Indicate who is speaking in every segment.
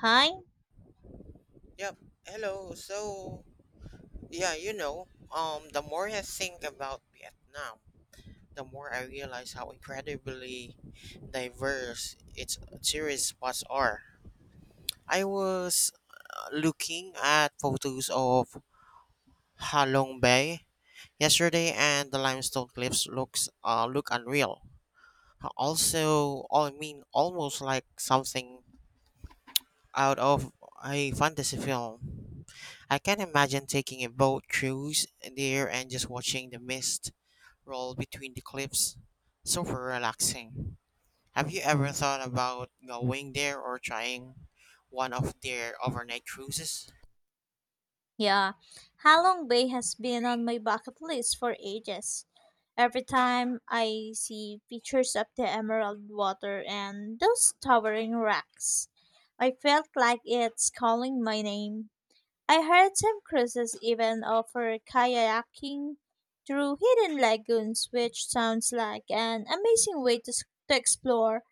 Speaker 1: Hi?
Speaker 2: Yep. Hello. Yeah, you know, the more I think about Vietnam, the more I realize how incredibly diverse its tourist spots are. I was looking at photos of Ha Long Bay yesterday, and the limestone cliffs looks look unreal. Almost like something out of a fantasy film. I can imagine taking a boat cruise there and just watching the mist roll between the cliffs. Super relaxing. Have you ever thought about going there or trying one of their overnight cruises?
Speaker 1: Yeah. Halong Bay has been on my bucket list for ages. Every time I see pictures of the emerald water and those towering rocks, I felt like it's calling my name. I heard some cruises even offer kayaking through hidden lagoons, which sounds like an amazing way to explore.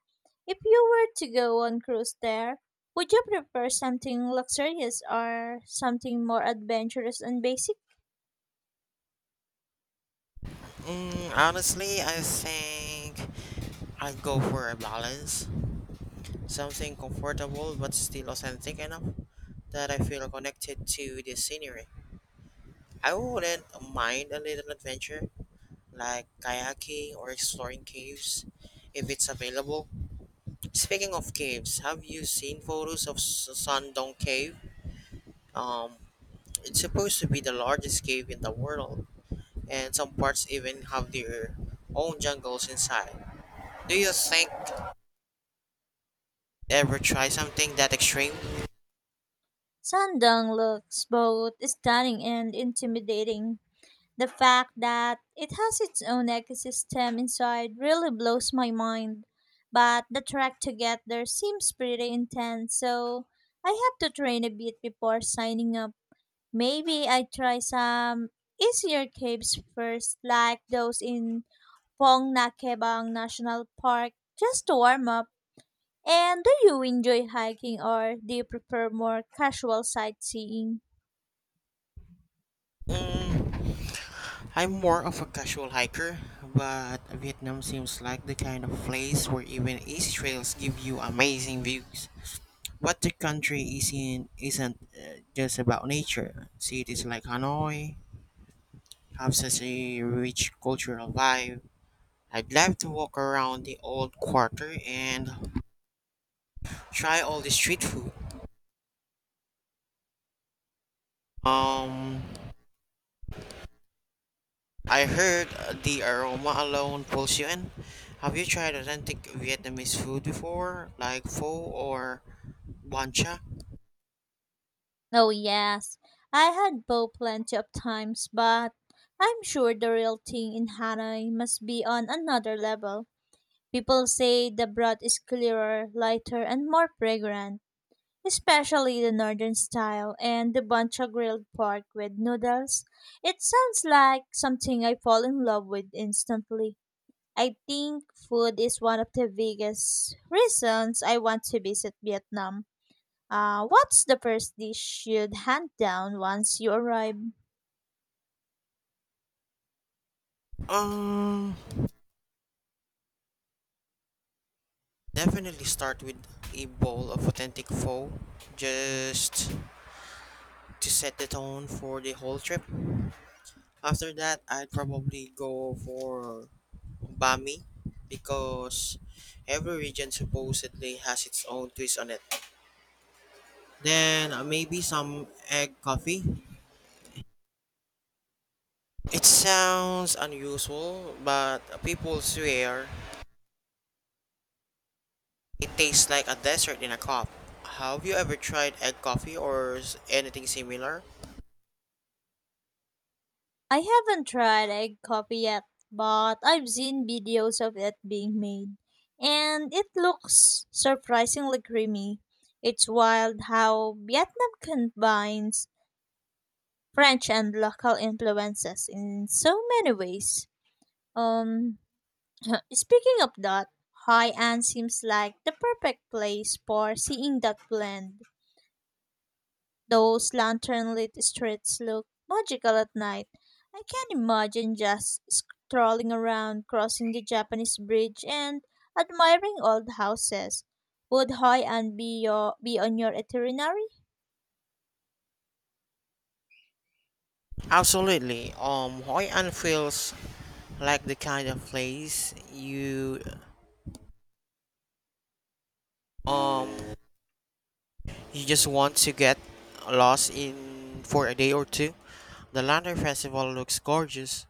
Speaker 1: If you were to go on cruise there, would you prefer something luxurious or something more adventurous and basic?
Speaker 2: Mm, honestly, I think I'd go for a balance. Something comfortable but still authentic enough that I feel connected to the scenery. I wouldn't mind a little adventure, like kayaking or exploring caves if it's available. Speaking of caves, have you seen photos of Sandong Cave? Um, it's supposed to be the largest cave in the world, and some parts even have their own jungles inside. Do you think ever try something that extreme?
Speaker 1: Sandang looks both stunning and intimidating. The fact that it has its own ecosystem inside really blows my mind. But the trek to get there seems pretty intense, so I have to train a bit before signing up. Maybe I try some easier caves first, like those in Pong Nakebang National Park just to warm up. And do you enjoy hiking or do you prefer more casual sightseeing?
Speaker 2: Mm, I'm more of a casual hiker, but Vietnam seems like the kind of place where even easy trails give you amazing views. What the country is in isn't just about nature. Cities like Hanoi have such a rich cultural vibe. I'd love to walk around the old quarter and try all the street food. Um, I heard the aroma alone pulls you in. Have you tried authentic Vietnamese food before, like pho or banh cha?
Speaker 1: Oh, yes, I had both plenty of times, but I'm sure the real thing in Hanoi must be on another level. People say the broth is clearer, lighter, and more fragrant, especially the northern style and the buncha grilled pork with noodles. It sounds like something I fall in love with instantly. I think food is one of the biggest reasons I want to visit Vietnam. What's the first dish you'd hunt down once you arrive?
Speaker 2: Um, Definitely start with a bowl of authentic pho. Just to set the tone for the whole trip. After that, I'd probably go for Bami because every region supposedly has its own twist on it. Then maybe some egg coffee. It sounds unusual, but people swear it tastes like a dessert in a cup. Have you ever tried egg coffee or anything similar?
Speaker 1: I haven't tried egg coffee yet, but I've seen videos of it being made, and it looks surprisingly creamy. It's wild how Vietnam combines French and local influences in so many ways. Um, Speaking of that, High Ann seems like the perfect place for seeing that blend. Those lantern lit streets look magical at night. I can imagine just strolling around, crossing the Japanese bridge, and admiring old houses. Would High An be on your itinerary?
Speaker 2: Absolutely. Hoi An feels like the kind of place um you just want to get lost in for a day or two. The lantern festival looks gorgeous,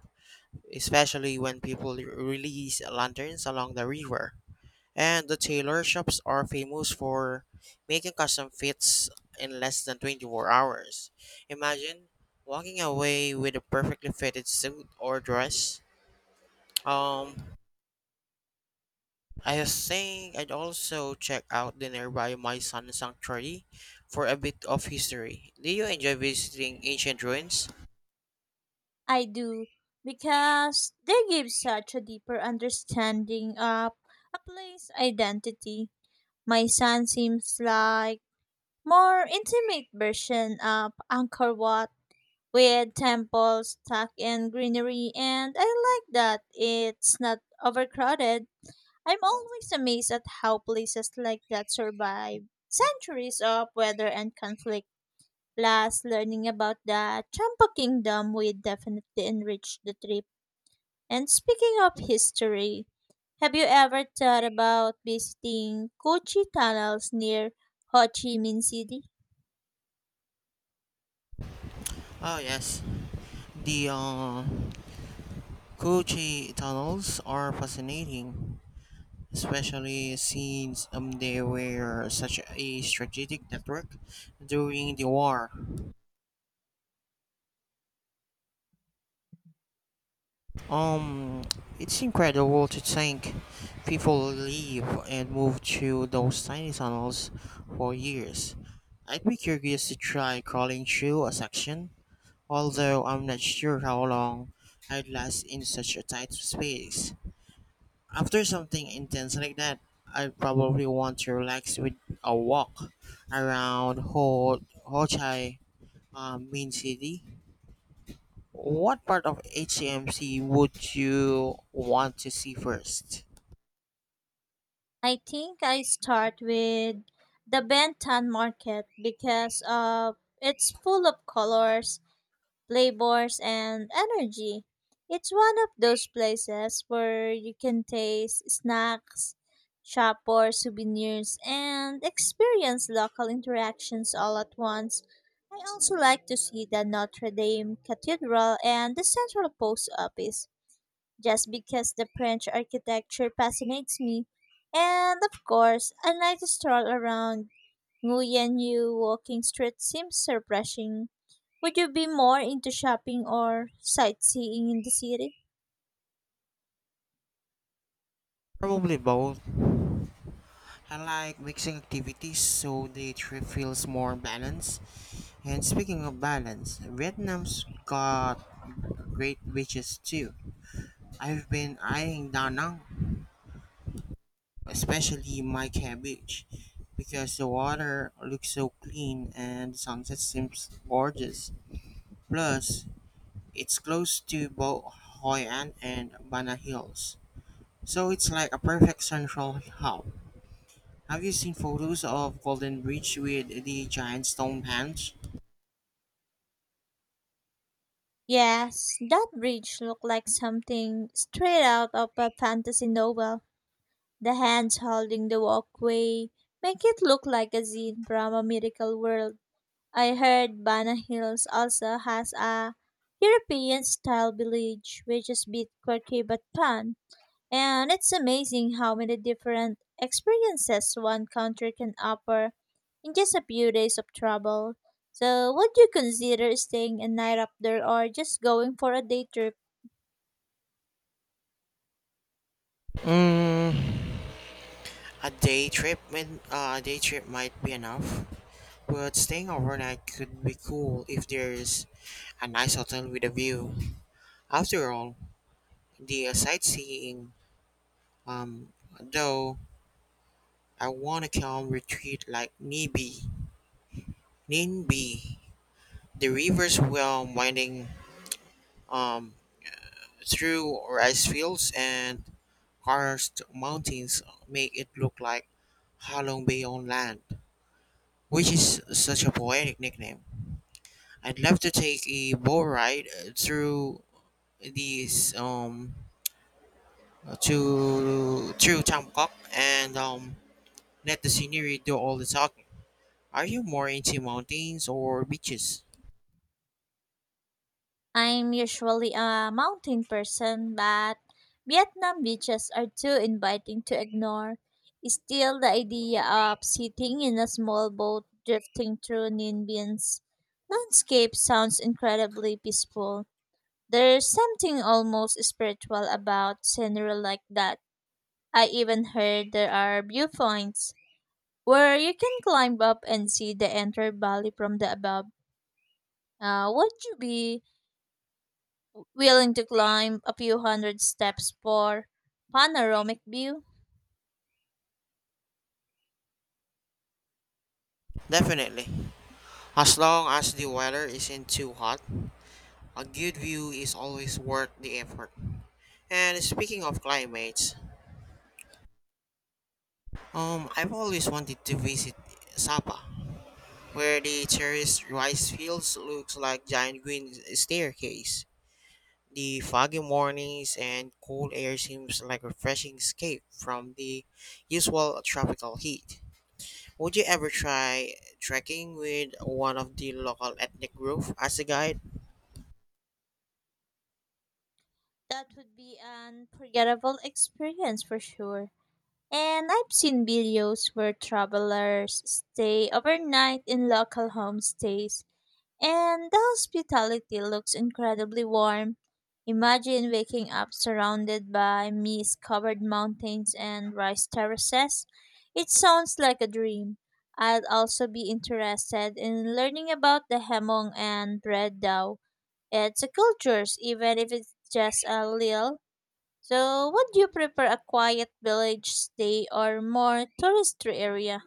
Speaker 2: especially when people release lanterns along the river. And the tailor shops are famous for making custom fits in less than 24 hours. Imagine walking away with a perfectly fitted suit or dress. Um, I think I'd also check out the nearby My Sun Sanctuary for a bit of history. Do you enjoy visiting ancient ruins?
Speaker 1: I do, because they give such a deeper understanding of a place identity. My son seems like more intimate version of Angkor Wat with temples tucked in greenery, and I like that it's not overcrowded. I'm always amazed at how places like that survive centuries of weather and conflict. Last learning about the Champa Kingdom will definitely enrich the trip. And speaking of history, have you ever thought about visiting Kochi tunnels near Ho Chi Minh City?
Speaker 2: Oh yes, the Kuchi tunnels are fascinating, especially since they were such a strategic network during the war. Um, it's incredible to think people live and move through those tiny tunnels for years. I'd be curious to try crawling through a section, although I'm not sure how long I'd last in such a tight space. After something intense like that, I'd probably want to relax with a walk around Ho Chi Minh City. What part of HCMC would you want to see first?
Speaker 1: I think I start with the Benton market because it's full of colors, flavors, and energy. It's one of those places where you can taste snacks, shop for souvenirs, and experience local interactions all at once. I also like to see the Notre Dame Cathedral and the Central Post Office just because the French architecture fascinates me. And of course, a night stroll around Nguyen Yu walking street seems refreshing. Would you be more into shopping or sightseeing in the city?
Speaker 2: Probably both. I like mixing activities so the trip feels more balanced. And speaking of balance, Vietnam's got great beaches too. I've been eyeing Da Nang, especially Mai Khe Beach, because the water looks so clean and the sunset seems gorgeous. Plus, it's close to both Hoi An and Bana Hills. So it's like a perfect central hub. Have you seen photos of Golden Bridge with the giant stone bench?
Speaker 1: Yes, that bridge looked like something straight out of a fantasy novel. The hands holding the walkway make it look like a scene from a miracle world. I heard Bana Hills also has a European style village, which is bit quirky but fun. And it's amazing how many different experiences one country can offer in just a few days of travel. So, would you consider staying a night up there or just going for a day trip?
Speaker 2: Mm, a day trip might be enough, but staying overnight could be cool if there's a nice hotel with a view. After all, the sightseeing, um, though I want a calm retreat like Ninbi. The river's well winding um, through rice fields and Karst Mountains make it look like Halong Bay on land, which is such a poetic nickname. I'd love to take a boat ride through these to through Tamkok and let the scenery do all the talking. Are you more into mountains or beaches?
Speaker 1: I'm usually a mountain person, but Vietnam beaches are too inviting to ignore. Still, the idea of sitting in a small boat drifting through Ninh Bien's landscape sounds incredibly peaceful. There's something almost spiritual about scenery like that. I even heard there are viewpoints where you can climb up and see the entire valley from the above. Would you be willing to climb a few hundred steps for panoramic view?
Speaker 2: Definitely. As long as the weather isn't too hot, a good view is always worth the effort. And speaking of climates, I've always wanted to visit Sapa, where the terraced rice fields looks like giant green staircase. The foggy mornings and cool air seems like a refreshing escape from the usual tropical heat. Would you ever try trekking with one of the local ethnic group as a guide?
Speaker 1: That would be an unforgettable experience for sure. And I've seen videos where travelers stay overnight in local homestays, and the hospitality looks incredibly warm. Imagine waking up surrounded by mist covered mountains and rice terraces. It sounds like a dream. I'd also be interested in learning about the Hemong and Red Dao. It's a culture, even if it's just a little. So, would you prefer a quiet village stay or more touristy area?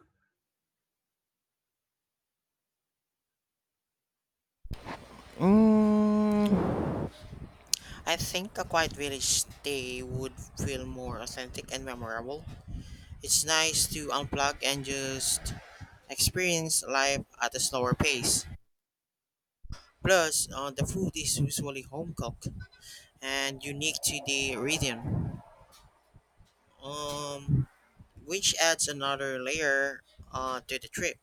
Speaker 2: Mm, I think a quiet village stay would feel more authentic and memorable. It's nice to unplug and just experience life at a slower pace. Plus, the food is usually home cooked and unique to the region, um, which adds another layer to the trip.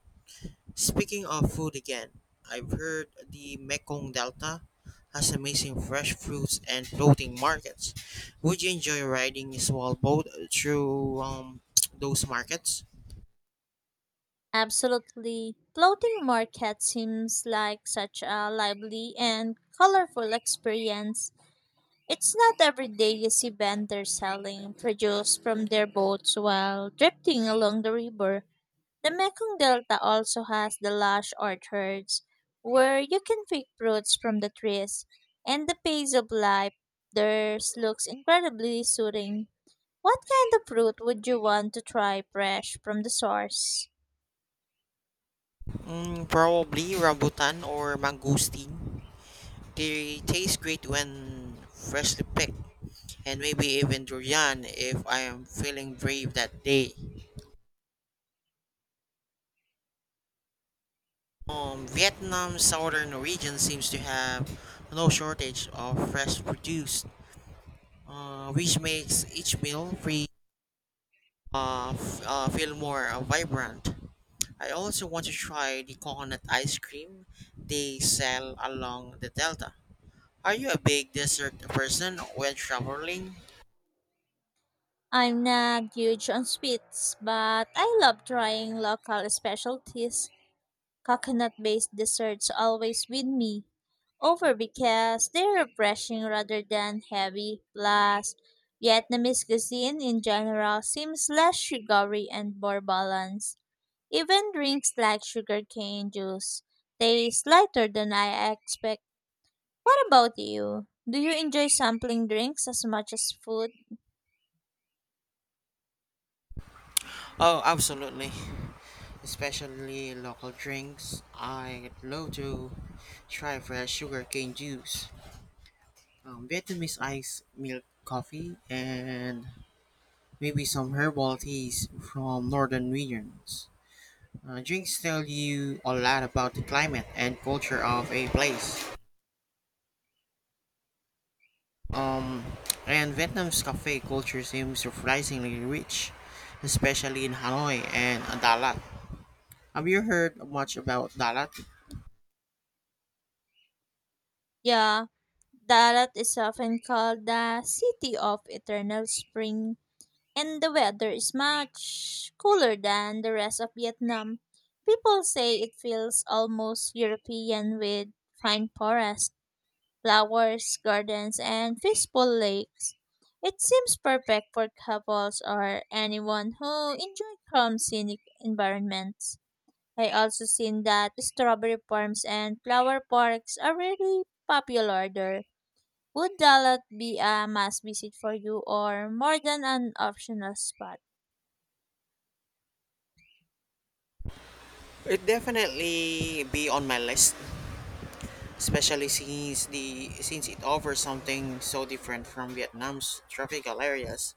Speaker 2: Speaking of food again, I've heard the Mekong Delta has amazing fresh fruits and floating markets. Would you enjoy riding a small boat through those markets?
Speaker 1: Absolutely. Floating market seems like such a lively and colorful experience. It's not every day you see vendors selling produce from their boats while drifting along the river. The Mekong Delta also has the lush orchards where you can pick fruits from the trees, and the pace of life there looks incredibly soothing. What kind of fruit would you want to try fresh from the source?
Speaker 2: Mm, probably rambutan or mangosteen. They taste great when freshly picked, and maybe even durian if I am feeling brave that day. Vietnam's southern region seems to have no shortage of fresh produce, which makes each meal feel more vibrant. I also want to try the coconut ice cream they sell along the delta. Are you a big dessert person when traveling?
Speaker 1: I'm not huge on sweets, but I love trying local specialties. Coconut based desserts always win me over because they're refreshing rather than heavy. Plus, Vietnamese cuisine in general seems less sugary and more balanced. Even drinks like sugarcane juice taste lighter than I expect. What about you? Do you enjoy sampling drinks as much as food?
Speaker 2: Oh, absolutely. Especially local drinks. I'd love to try fresh sugarcane juice, Vietnamese iced milk coffee, and maybe some herbal teas from northern regions. Drinks tell you a lot about the climate and culture of a place. Um, and Vietnam's cafe culture seems surprisingly rich, especially in Hanoi and Dalat. Have you heard much about Dalat?
Speaker 1: Yeah, Dalat is often called the city of eternal spring, and the weather is much cooler than the rest of Vietnam. People say it feels almost European with fine forests, flowers, gardens, and peaceful lakes. It seems perfect for couples or anyone who enjoy calm scenic environments. I also seen that strawberry farms and flower parks are really popular there. Would Dalat be a must visit for you or more than an optional spot?
Speaker 2: It definitely be on my list, especially since the since it offers something so different from Vietnam's tropical areas.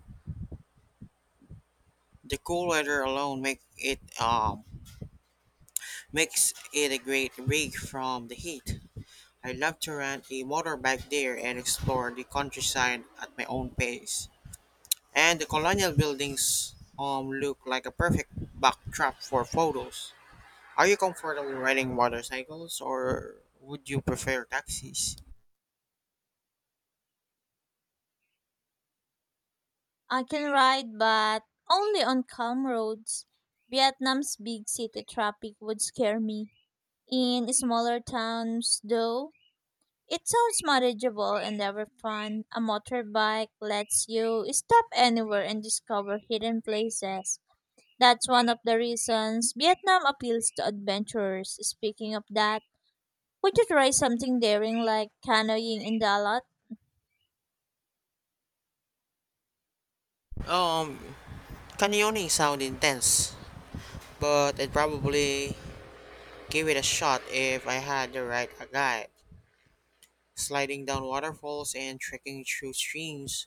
Speaker 2: The cool weather alone makes it a great break from the heat. I love to rent a motorbike there and explore the countryside at my own pace. And the colonial buildings look like a perfect backdrop for photos. Are you comfortable riding motorcycles or would you prefer taxis?
Speaker 1: I can ride, but only on calm roads. Vietnam's big city traffic would scare me. In smaller towns, though, it sounds manageable and ever fun. A motorbike lets you stop anywhere and discover hidden places. That's one of the reasons Vietnam appeals to adventurers. Speaking of that, would you try something daring like canoeing in Dalat?
Speaker 2: Um, Canyoning sound intense, but I'd probably give it a shot if I had the right guide. Sliding down waterfalls and trekking through streams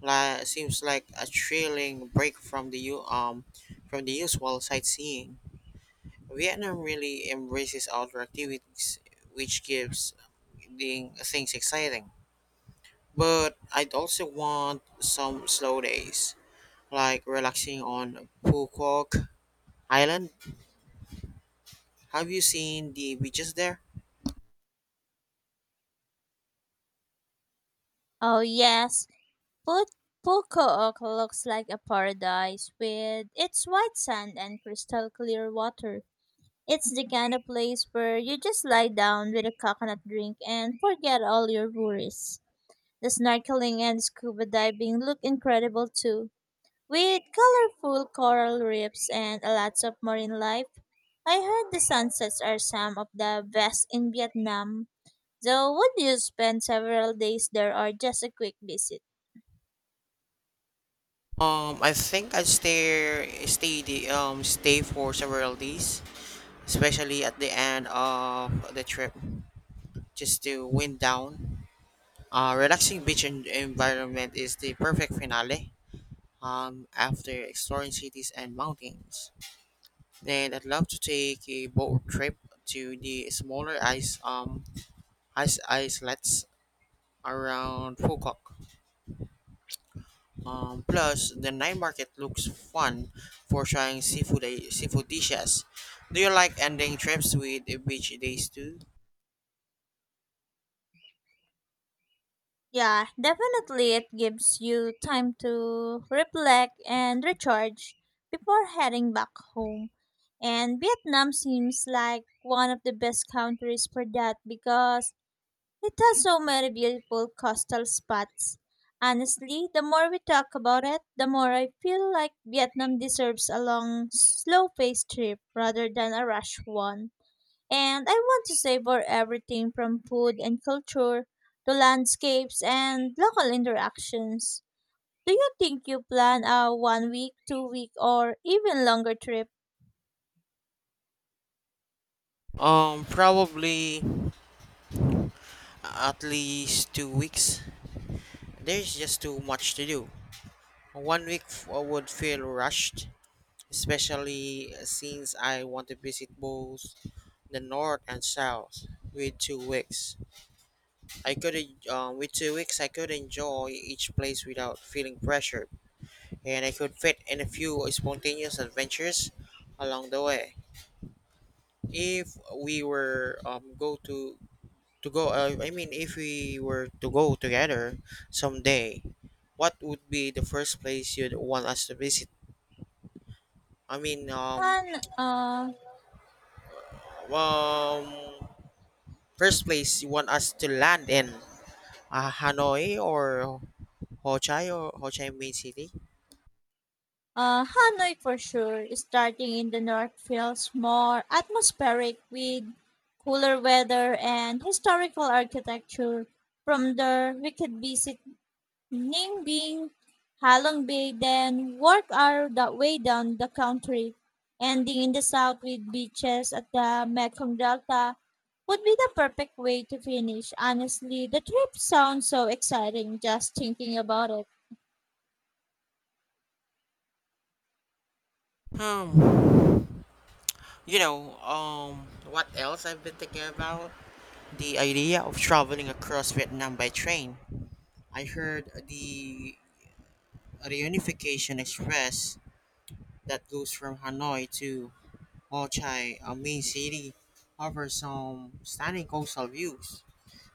Speaker 2: seems like a thrilling break from the usual sightseeing. Vietnam really embraces outdoor activities, which gives the things exciting. But I'd also want some slow days, like relaxing on Phu Quoc Island. Have you seen the beaches there?
Speaker 1: Oh yes, Put- Pukook looks like a paradise with its white sand and crystal clear water. It's the kind of place where you just lie down with a coconut drink and forget all your worries. The snorkeling and scuba diving look incredible too, with colorful coral reefs and lots of marine life. I heard the sunsets are some of the best in Vietnam. So, would you spend several days there or just a quick visit?
Speaker 2: I think I'd stay for several days, especially at the end of the trip, just to wind down. Relaxing beach environment is the perfect finale. After exploring cities and mountains, then I'd love to take a boat trip to the smaller ice islets around Fukok. Plus, the night market looks fun for trying seafood dishes. Do you like ending trips with beach days too?
Speaker 1: Yeah, definitely it gives you time to reflect and recharge before heading back home. And Vietnam seems like one of the best countries for that because it has so many beautiful coastal spots. Honestly, the more we talk about it, the more I feel like Vietnam deserves a long, slow paced trip rather than a rush one. And I want to savor everything from food and culture to landscapes and local interactions. Do you think you plan a one week, 2 week, or even longer trip?
Speaker 2: Probably at least 2 weeks. There's just too much to do. I would feel rushed, especially since I want to visit both the north and south. With two weeks, with 2 weeks I could enjoy each place without feeling pressured, and I could fit in a few spontaneous adventures along the way. If we were go to go, I mean, if we were to go together someday, what would be the first place you'd want us to visit? I mean, um,
Speaker 1: Han, uh,
Speaker 2: um, First place you want us to land in, Hanoi or Ho Chi Minh City?
Speaker 1: Hanoi for sure, starting in the north feels more atmospheric with cooler weather and historical architecture. From there, we could visit Ningbing, Halong Bay, then work our the way down the country, ending in the south with beaches at the Mekong Delta would be the perfect way to finish. Honestly, the trip sounds so exciting just thinking about it.
Speaker 2: Um, you know, um, what else I've been thinking about? The idea of traveling across Vietnam by train. I heard the reunification express that goes from Hanoi to Ho Chi, a main city, offers some stunning coastal views,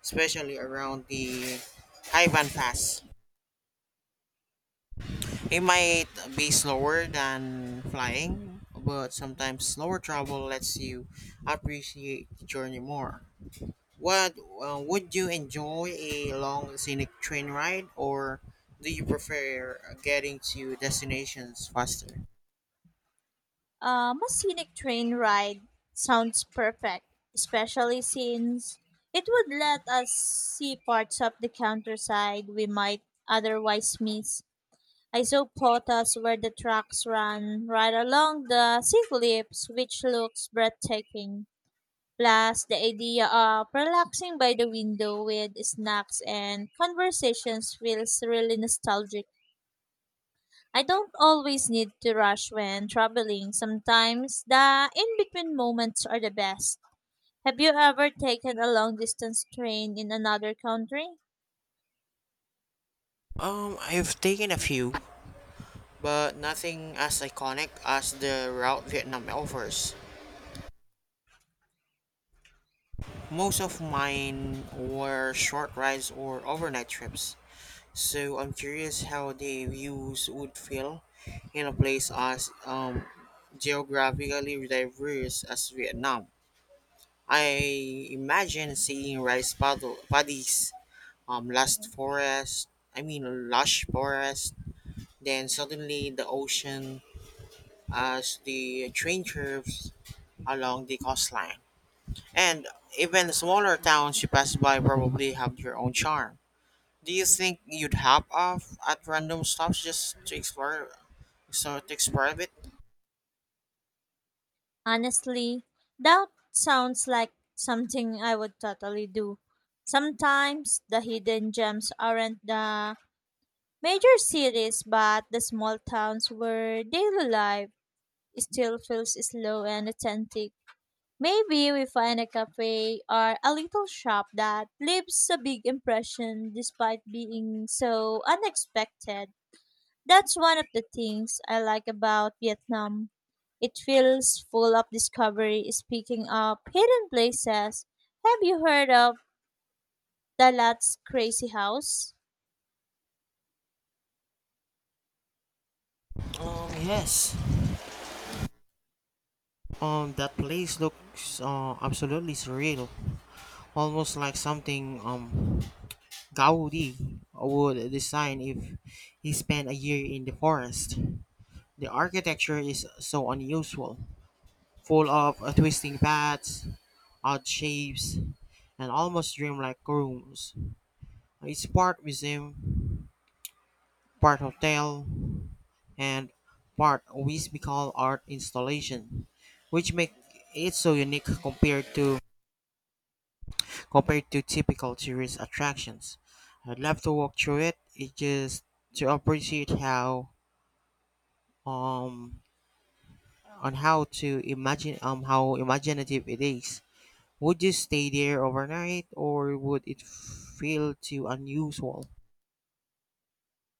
Speaker 2: especially around the Hai Van Pass. It might be slower than flying, but sometimes slower travel lets you appreciate the journey more. What Would you enjoy a long scenic train ride, or do you prefer getting to destinations faster?
Speaker 1: A scenic train ride sounds perfect, especially since it would let us see parts of the countryside we might otherwise miss. I saw photos where the tracks run right along the sea cliffs, which looks breathtaking. Plus, the idea of relaxing by the window with snacks and conversations feels really nostalgic. I don't always need to rush when traveling. Sometimes the in between moments are the best. Have you ever taken a long distance train in another country?
Speaker 2: I've taken a few, but nothing as iconic as the route Vietnam offers. Most of mine were short rides or overnight trips, so I'm curious how the views would feel in a place as geographically diverse as Vietnam. I imagine seeing paddies, last forest, I mean lush forest, then suddenly the ocean as the train curves along the coastline. And even smaller towns you pass by probably have their own charm. Do you think you'd hop off at random stops just to explore a bit?
Speaker 1: Honestly, that sounds like something I would totally do. Sometimes the hidden gems aren't the major cities, but the small towns where daily life still feels slow and authentic. Maybe we find a cafe or a little shop that leaves a big impression despite being so unexpected. That's one of the things I like about Vietnam. It feels full of discovery. Speaking of hidden places, have you heard of Dalat's Crazy House?
Speaker 2: Yes. That place looks absolutely surreal, almost like something Gaudi would design if he spent a year in the forest. The architecture is so unusual, full of twisting paths, odd shapes, and almost dreamlike rooms. It's part museum, part hotel, and part whimsical art installation, which make it so unique compared to typical tourist attractions. I'd love to walk through it. It, just to appreciate how um on how to imagine how imaginative it is. Would you stay there overnight or would it feel too unusual?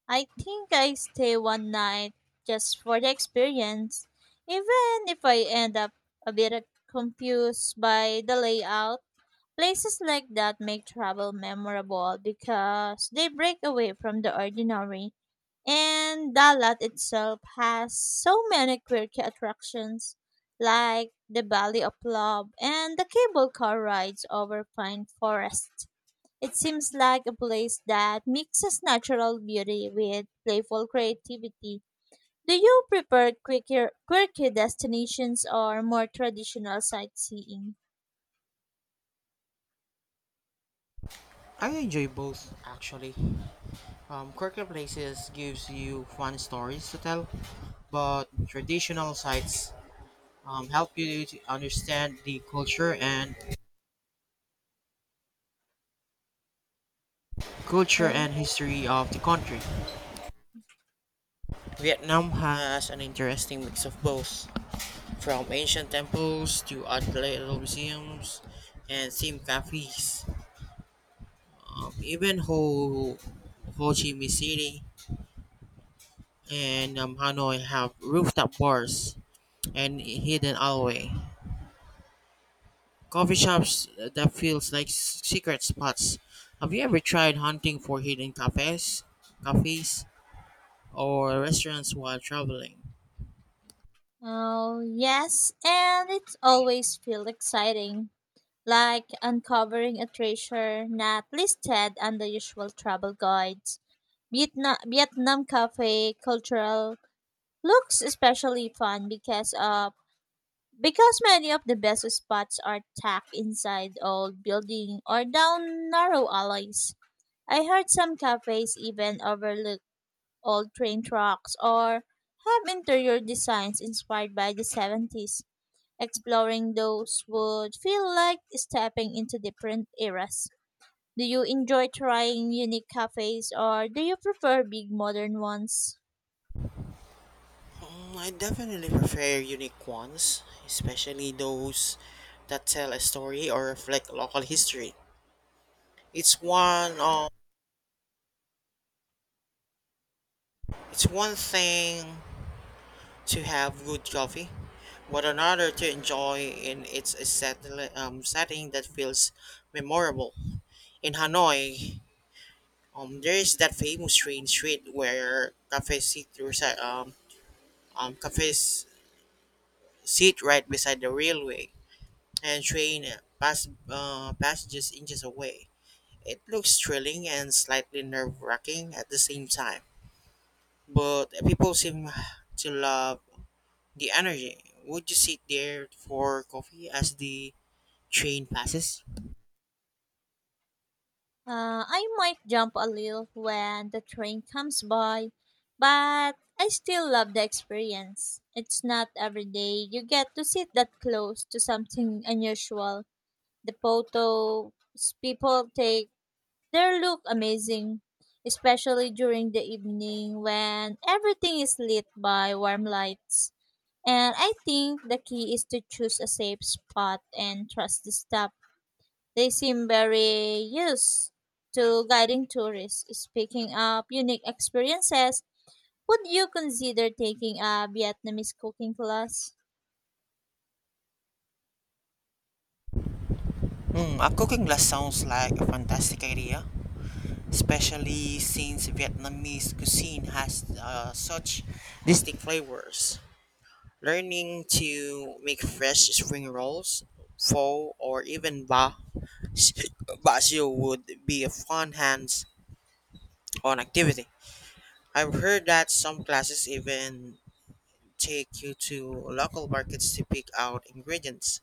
Speaker 1: I think I stay one night just for the experience, even if I end up a bit confused by the layout. Places like that make travel memorable because they break away from the ordinary. And Dalat itself has so many quirky attractions like the Valley of Love and the cable car rides over pine forests. It seems like a place that mixes natural beauty with playful creativity. Do you prefer quirky destinations or more traditional sightseeing?
Speaker 2: I enjoy both actually. Quirky places gives you fun stories to tell, but traditional sites help you to understand the culture
Speaker 1: Okay.
Speaker 2: and history of the country. Vietnam has an interesting mix of both, from ancient temples to art gallery museums and theme cafes. Even Ho Chi Minh City and Hanoi have rooftop bars and hidden alleyway. Coffee shops that feels like secret spots. Have you ever tried hunting for hidden cafes or restaurants while traveling?
Speaker 1: Oh, yes, and it always feels exciting, like uncovering a treasure not listed on the usual travel guides. Vietnam cafe cultural looks especially fun because many of the best spots are tucked inside old building or down narrow alleys. I heard some cafes even overlook old train tracks or have interior designs inspired by the 70s. Exploring those would feel like stepping into different eras. Do you enjoy trying unique cafes or do you prefer big modern ones?
Speaker 2: Mm, I definitely prefer unique ones, especially those that tell a story or reflect local history. It's one um, it's one thing to have good coffee, but another to enjoy in setting that feels memorable. In Hanoi, there is that famous train street where cafes sit right beside the railway, and passages inches away. It looks thrilling and slightly nerve wracking at the same time, but people seem to love the energy. Would you sit there for coffee as the train passes?
Speaker 1: I might jump a little when the train comes by, but I still love the experience. It's not every day you get to sit that close to something unusual. The photos people take, they look amazing, especially during the evening when everything is lit by warm lights. And I think the key is to choose a safe spot and trust the staff. They seem very used to guiding tourists. Speaking of unique experiences, would you consider taking a Vietnamese cooking class?
Speaker 2: Hmm, a cooking class sounds like a fantastic idea, especially since Vietnamese cuisine has such distinct flavors. Learning to make fresh spring rolls, pho, or even ba Basio would be a fun hands-on activity. I've heard that some classes even take you to local markets to pick out ingredients,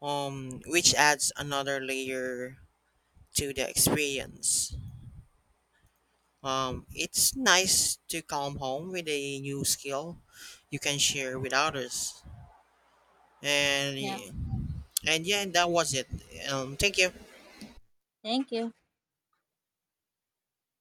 Speaker 2: which adds another layer to the experience. It's nice to come home with a new skill you can share with others.
Speaker 1: Yeah,
Speaker 2: And and yeah, that was it. Thank you.
Speaker 1: thank you.